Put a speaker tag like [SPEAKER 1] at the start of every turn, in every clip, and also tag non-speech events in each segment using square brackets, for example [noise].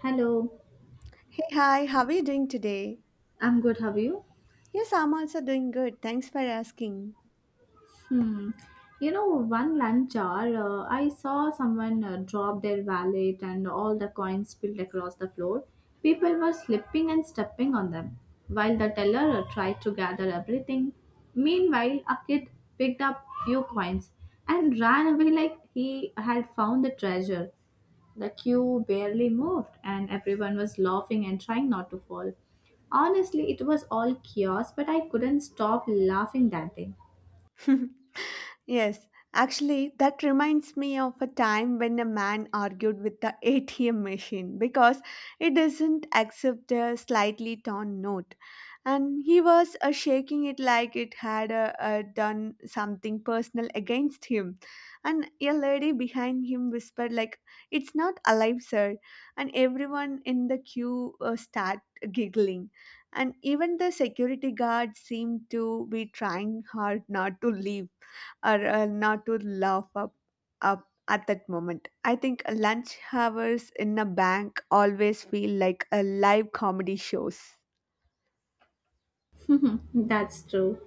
[SPEAKER 1] Hello,
[SPEAKER 2] Hey, hi, how are you doing today?
[SPEAKER 1] I'm good. How are you?
[SPEAKER 2] Yes, I'm also doing good. Thanks for asking.
[SPEAKER 1] Hmm. You know, one lunch hour, I saw someone drop their wallet and all the coins spilled across the floor. People were slipping and stepping on them, while the teller tried to gather everything. Meanwhile, a kid picked up few coins and ran away like he had found the treasure. The queue barely moved, and everyone was laughing and trying not to fall. Honestly, it was all chaos, but I couldn't stop laughing that day.
[SPEAKER 2] [laughs] Yes, actually, that reminds me of a time when a man argued with the ATM machine because it doesn't accept a slightly torn note. And he was shaking it like it had done something personal against him. And a lady behind him whispered, like, it's not alive, sir. And everyone in the queue start giggling. And even the security guard seemed to be trying hard not to leave or not to laugh up at that moment. I think lunch hours in a bank always feel like a live comedy shows. [laughs]
[SPEAKER 1] [laughs] That's true.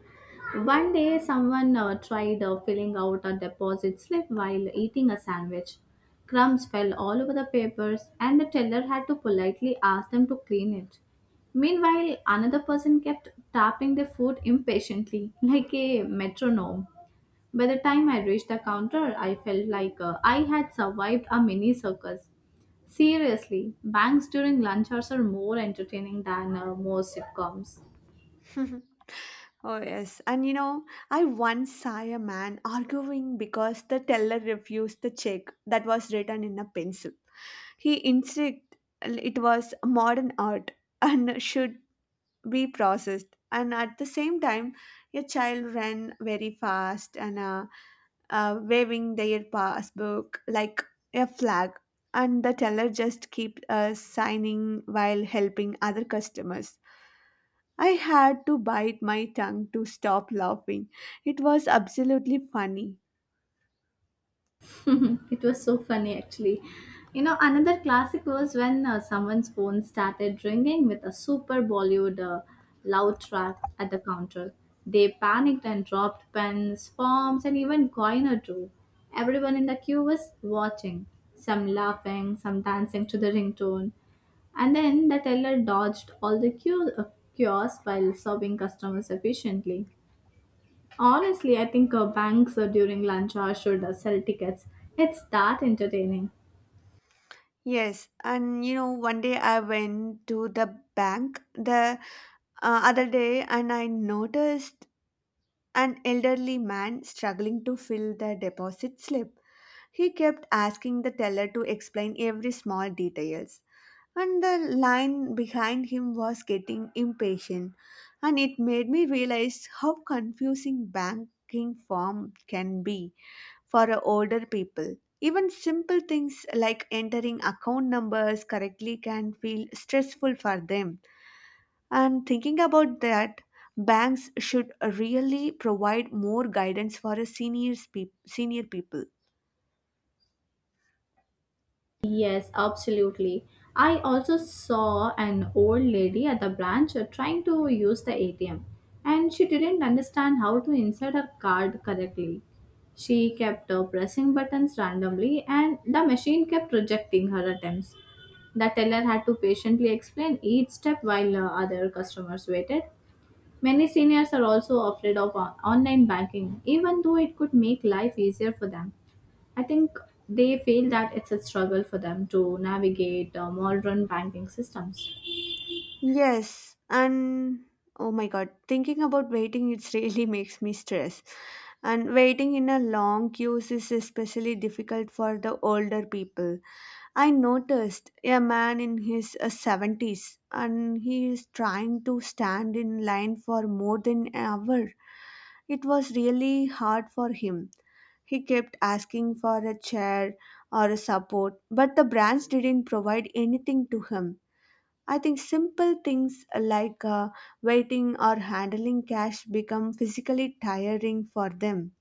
[SPEAKER 1] One day, someone tried filling out a deposit slip while eating a sandwich. Crumbs fell all over the papers, and the teller had to politely ask them to clean it. Meanwhile, another person kept tapping their foot impatiently, [laughs] like a metronome. By the time I reached the counter, I felt like I had survived a mini circus. Seriously, banks during lunch hours are more entertaining than most sitcoms.
[SPEAKER 2] Oh, yes. And you know, I once saw a man arguing because the teller refused the check that was written in a pencil. He insisted it was modern art and should be processed, and at the same time your child ran very fast and waving their passbook like a flag, and the teller just keep signing while helping other customers. I had to bite my tongue to stop laughing. It was absolutely funny.
[SPEAKER 1] [laughs] It was so funny actually. You know, another classic was when someone's phone started ringing with a super Bollywood loud track at the counter. They panicked and dropped pens, forms, and even coin or two. Everyone in the queue was watching, some laughing, some dancing to the ringtone. And then the teller dodged all the queue, kiosks while serving customers efficiently. Honestly, I think banks during lunch hour should sell tickets. It's that entertaining.
[SPEAKER 2] Yes, and you know, one day I went to the bank the other day, and I noticed an elderly man struggling to fill the deposit slip. He kept asking the teller to explain every small details. And the line behind him was getting impatient. And it made me realize how confusing banking form can be for older people. Even simple things like entering account numbers correctly can feel stressful for them. And thinking about that, banks should really provide more guidance for a senior people.
[SPEAKER 1] Yes, absolutely. I also saw an old lady at the branch trying to use the ATM, and she didn't understand how to insert her card correctly. She kept pressing buttons randomly, and the machine kept rejecting her attempts. The teller had to patiently explain each step while other customers waited. Many seniors are also afraid of online banking, even though it could make life easier for them. I think they feel that it's a struggle for them to navigate modern banking systems.
[SPEAKER 2] Yes, and oh my god, thinking about waiting it [laughs] really makes me stress. And waiting in a long queues is especially difficult for the older people. I noticed a man in his 70s, and he is trying to stand in line for more than an hour. It was really hard for him. He kept asking for a chair or a support, but the branch didn't provide anything to him. I think simple things like waiting or handling cash become physically tiring for them.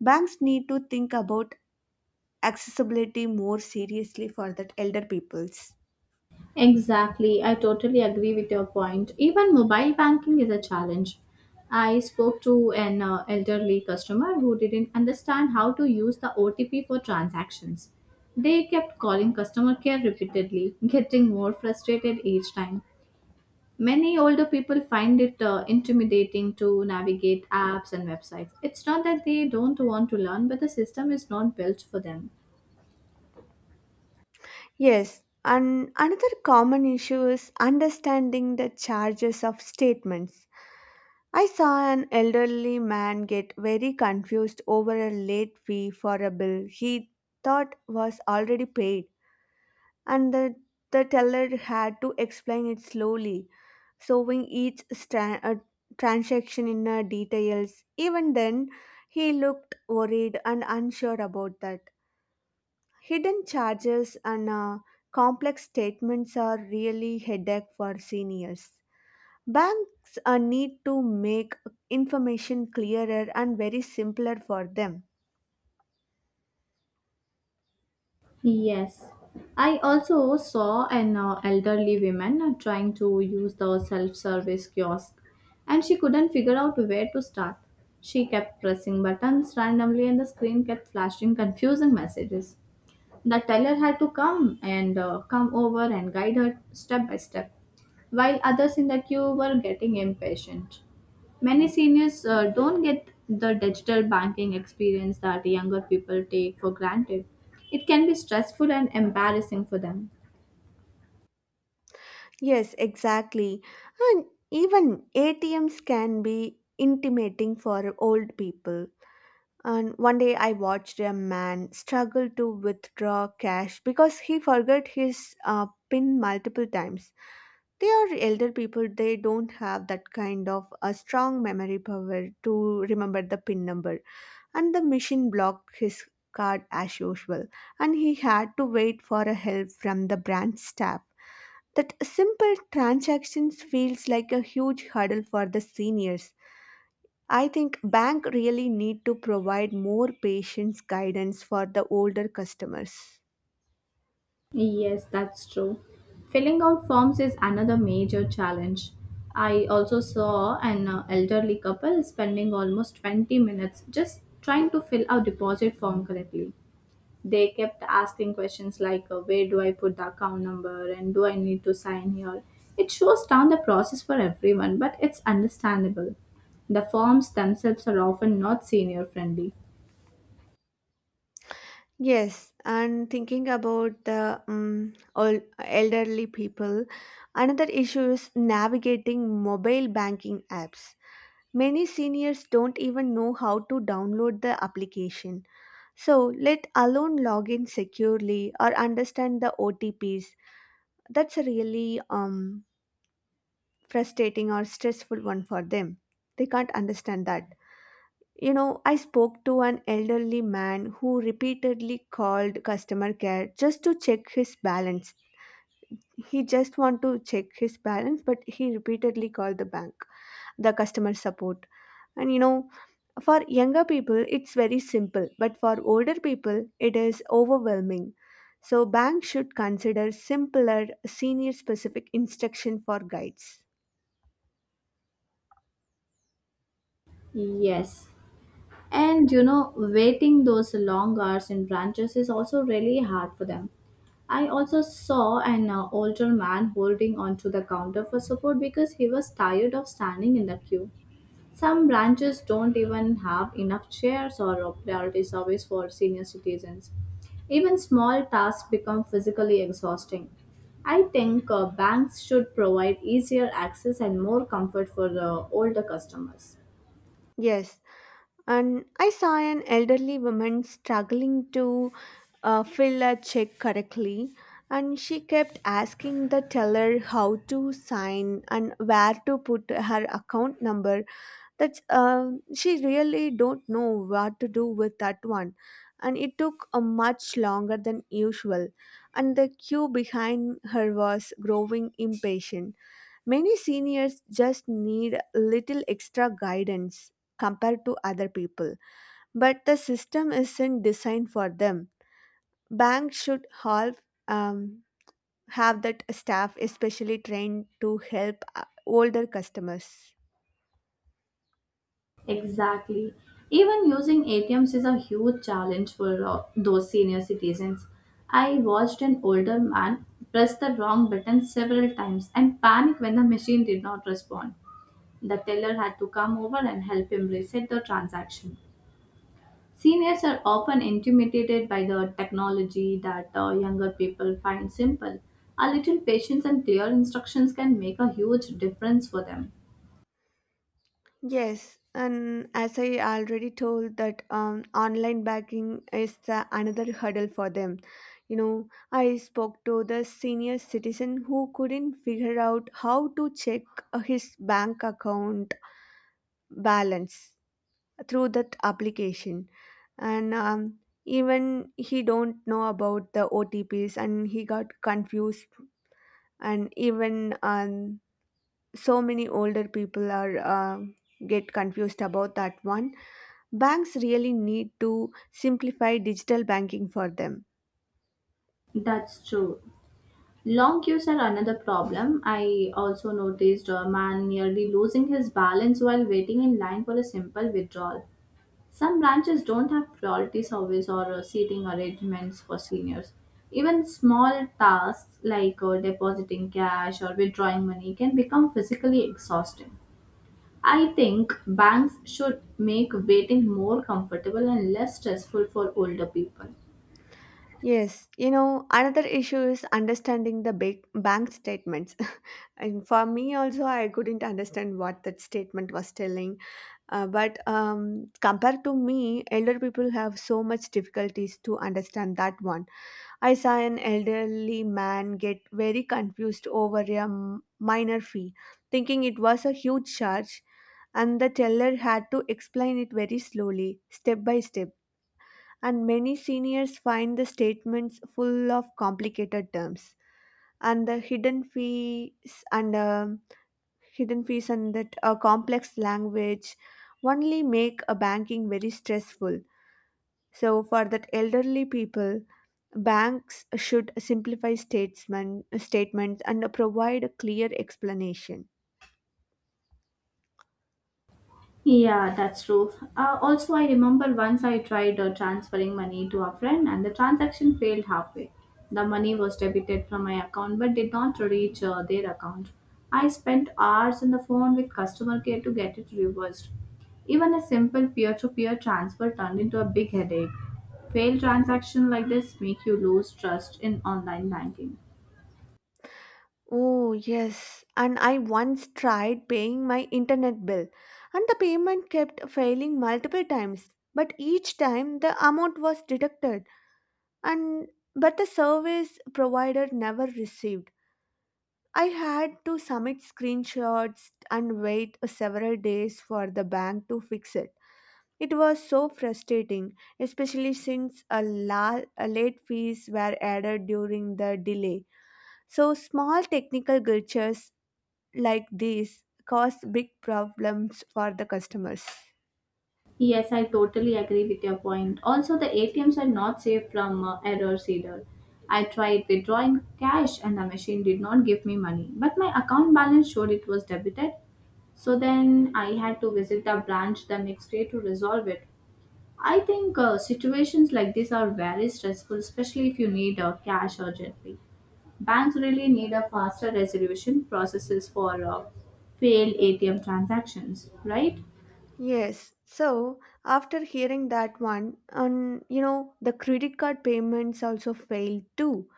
[SPEAKER 2] Banks need to think about accessibility more seriously for that elder peoples.
[SPEAKER 1] Exactly, I totally agree with your point. Even mobile banking is a challenge. I spoke to an elderly customer who didn't understand how to use the OTP for transactions. They kept calling customer care repeatedly, [laughs] getting more frustrated each time. Many older people find it intimidating to navigate apps and websites. It's not that they don't want to learn, but the system is not built for them.
[SPEAKER 2] Yes, and another common issue is understanding the charges of statements. I saw an elderly man get very confused over a late fee for a bill he thought was already paid, and the teller had to explain it slowly, showing each transaction in details. Even then, he looked worried and unsure about that. Hidden charges and complex statements are really headache for seniors. Banks need to make information clearer and very simpler for them.
[SPEAKER 1] Yes. I also saw an elderly woman trying to use the self service kiosk and she couldn't figure out where to start. She kept pressing buttons randomly and the screen kept flashing confusing messages. The teller had to come over and guide her step by step, while others in the queue were getting impatient. Many seniors don't get the digital banking experience that younger people take for granted. It can be stressful and embarrassing for them.
[SPEAKER 2] Yes, exactly. And even ATMs can be intimidating for old people. And one day I watched a man struggle to withdraw cash because he forgot his PIN multiple times. They are elder people, they don't have that kind of a strong memory power to remember the PIN number, and the machine blocked his card as usual, and he had to wait for a help from the branch staff. That simple transactions feels like a huge hurdle for the seniors. I think bank really need to provide more patience guidance for the older customers.
[SPEAKER 1] Yes, that's true. Filling out forms is another major challenge. I also saw an elderly couple spending almost 20 minutes just trying to fill out deposit form correctly. They kept asking questions like, where do I put the account number and do I need to sign here? It shows down the process for everyone, but it's understandable. The forms themselves are often not senior friendly.
[SPEAKER 2] Yes, and thinking about the all elderly people, another issue is navigating mobile banking apps. Many seniors don't even know how to download the application. So, let alone log in securely or understand the OTPs. That's a really frustrating or stressful one for them. They can't understand that. You know, I spoke to an elderly man who repeatedly called customer care just to check his balance. He just want to check his balance, but he repeatedly called the bank, the customer support. And you know, for younger people, it's very simple, but for older people, it is overwhelming. So, banks should consider simpler, senior specific instruction for guides.
[SPEAKER 1] Yes. And you know, waiting those long hours in branches is also really hard for them. I also saw an older man holding onto the counter for support because he was tired of standing in the queue. Some branches don't even have enough chairs or a priority service for senior citizens. Even small tasks become physically exhausting. I think banks should provide easier access and more comfort for the older customers.
[SPEAKER 2] Yes, and I saw an elderly woman struggling to fill a check correctly, and she kept asking the teller how to sign and where to put her account number. That's she really don't know what to do with that one, and it took a much longer than usual, and the queue behind her was growing impatient. Many seniors just need little extra guidance compared to other people, but the system isn't designed for them. Banks should help um, have that staff especially trained to help older customers.
[SPEAKER 1] Exactly. Even using ATMs is a huge challenge for those senior citizens. I watched an older man press the wrong button several times and panic when the machine did not respond. The teller had to come over and help him reset the transaction. Seniors are often intimidated by the technology that younger people find simple. A little patience and clear instructions can make a huge difference for them.
[SPEAKER 2] Yes, and as I already told that online banking is the another hurdle for them. You know, I spoke to the senior citizen who couldn't figure out how to check his bank account balance through that application, and even he don't know about the OTPs, and he got confused, and even so many older people are get confused about that one. Banks really need to simplify digital banking for them.
[SPEAKER 1] That's true. Long queues are another problem. I also noticed a man nearly losing his balance while waiting in line for a simple withdrawal. Some branches don't have priority service or seating arrangements for seniors. Even small tasks like depositing cash or withdrawing money can become physically exhausting. I think banks should make waiting more comfortable and less stressful for older people.
[SPEAKER 2] Yes, you know, another issue is understanding the big bank statements. [laughs] And for me also, I couldn't understand what that statement was telling. But compared to me, elder people have so much difficulties to understand that one. I saw an elderly man get very confused over a minor fee, thinking it was a huge charge, and the teller had to explain it very slowly, step by step. And many seniors find the statements full of complicated terms, and the hidden fees and that complex language only make a banking very stressful. So for that elderly people, banks should simplify statements and provide a clear explanation.
[SPEAKER 1] Yeah, that's true. Also, I remember once I tried transferring money to a friend and the transaction failed halfway. The money was debited from my account but did not reach their account. I spent hours on the phone with customer care to get it reversed. Even a simple peer to peer transfer turned into a big headache. Failed transactions like this make you lose trust in online banking.
[SPEAKER 2] Oh, yes. And I once tried paying my internet bill, and the payment kept failing multiple times. But each time the amount was deducted, and but the service provider never received. I had to submit screenshots and wait several days for the bank to fix it. It was so frustrating, especially since a late fees were added during the delay. So small technical glitches like these cause big problems for the customers.
[SPEAKER 1] Yes, I totally agree with your point. Also, the ATMs are not safe from errors either. I tried withdrawing cash and the machine did not give me money, but my account balance showed it was debited. So then I had to visit the branch the next day to resolve it. I think situations like this are very stressful, especially if you need cash urgently. Banks really need a faster resolution processes for failed ATM transactions, right?
[SPEAKER 2] Yes. So after hearing that one, and you know, the credit card payments also failed too.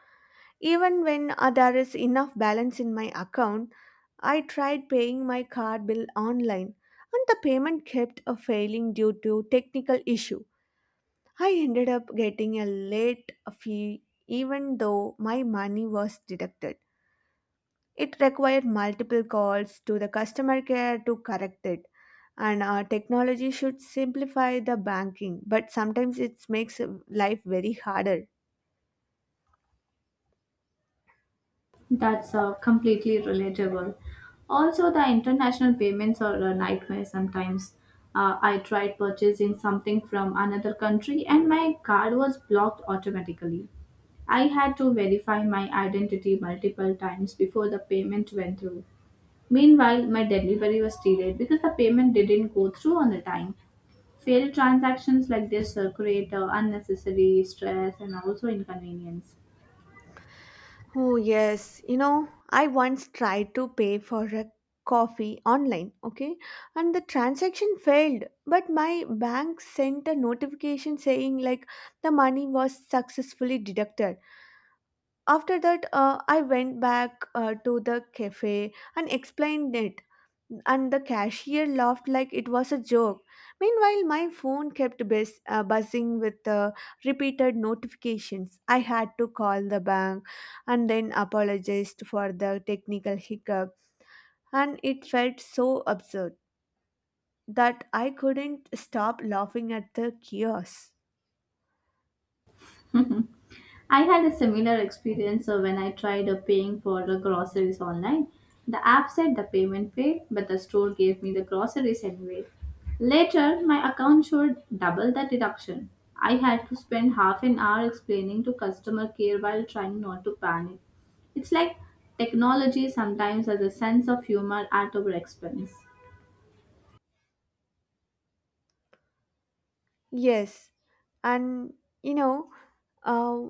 [SPEAKER 2] Even when there is enough balance in my account, I tried paying my card bill online and the payment kept failing due to technical issue. I ended up getting a late fee even though my money was deducted. It required multiple calls to the customer care to correct it. And technology should simplify the banking, but sometimes it makes life very harder.
[SPEAKER 1] That's completely relatable. Also, the international payments are a nightmare sometimes. I tried purchasing something from another country and my card was blocked automatically. I had to verify my identity multiple times before the payment went through. Meanwhile, my delivery was delayed because the payment didn't go through on the time. Failed transactions like this create unnecessary stress and also inconvenience.
[SPEAKER 2] Oh, yes. You know, I once tried to pay for a coffee online, okay? And the transaction failed, but my bank sent a notification saying like the money was successfully deducted. After that, I went back to the cafe and explained it, and the cashier laughed like it was a joke. Meanwhile, my phone kept buzzing with repeated notifications. I had to call the bank and then apologized for the technical hiccup, and it felt so absurd that I couldn't stop laughing at the chaos.
[SPEAKER 1] [laughs] I had a similar experience when I tried paying for the groceries online. The app said the payment failed, but the store gave me the groceries anyway. Later, my account showed double the deduction. I had to spend half an hour explaining to customer care while trying not to panic. It's like technology sometimes has a sense of humor at our expense.
[SPEAKER 2] Yes, and you know, uh,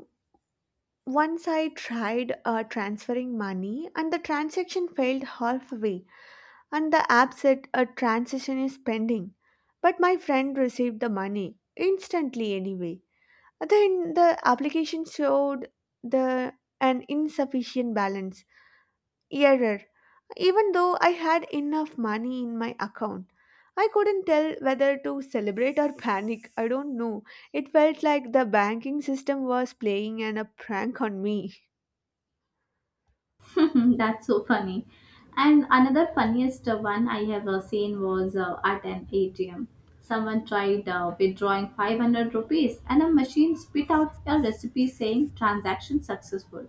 [SPEAKER 2] once I tried transferring money, and the transaction failed halfway. And the app said a transaction is pending. But my friend received the money instantly anyway. Then the application showed the an insufficient balance error. Even though I had enough money in my account, I couldn't tell whether to celebrate or panic. I don't know. It felt like the banking system was playing a prank on me.
[SPEAKER 1] [laughs] That's so funny. And another funniest one I have seen was at an ATM. Someone tried withdrawing 500 rupees and a machine spit out a recipe saying transaction successful.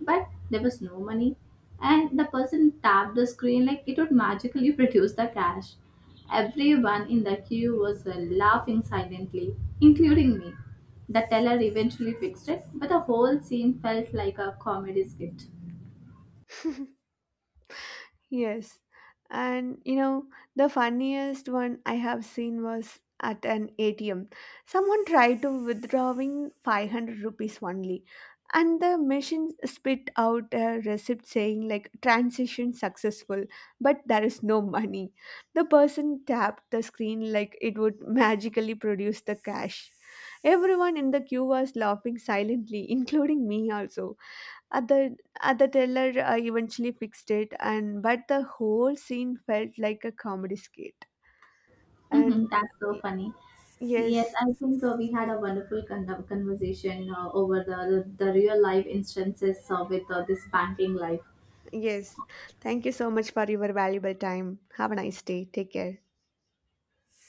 [SPEAKER 1] But there was no money. And the person tapped the screen like it would magically [laughs] produce the cash. Everyone in the queue was laughing silently, including me. The teller eventually fixed it, but the whole scene felt like a comedy skit.
[SPEAKER 2] Yes. And you know, the funniest one I have seen was at an ATM. Someone tried to withdrawing 500 rupees only, and the machine spit out a receipt saying like transaction successful, but there is no money. The person tapped the screen like it would magically produce the cash. Everyone in the queue was laughing silently, including me also. Other other teller eventually fixed it, and but the whole scene felt like a comedy skit.
[SPEAKER 1] Hmm.
[SPEAKER 2] And
[SPEAKER 1] That's so
[SPEAKER 2] y-
[SPEAKER 1] funny. Yes,
[SPEAKER 2] yes,
[SPEAKER 1] I think we had a wonderful conversation over the real life instances with this banking life.
[SPEAKER 2] yes. Thank you so much for your valuable time. Have a nice day. Take care.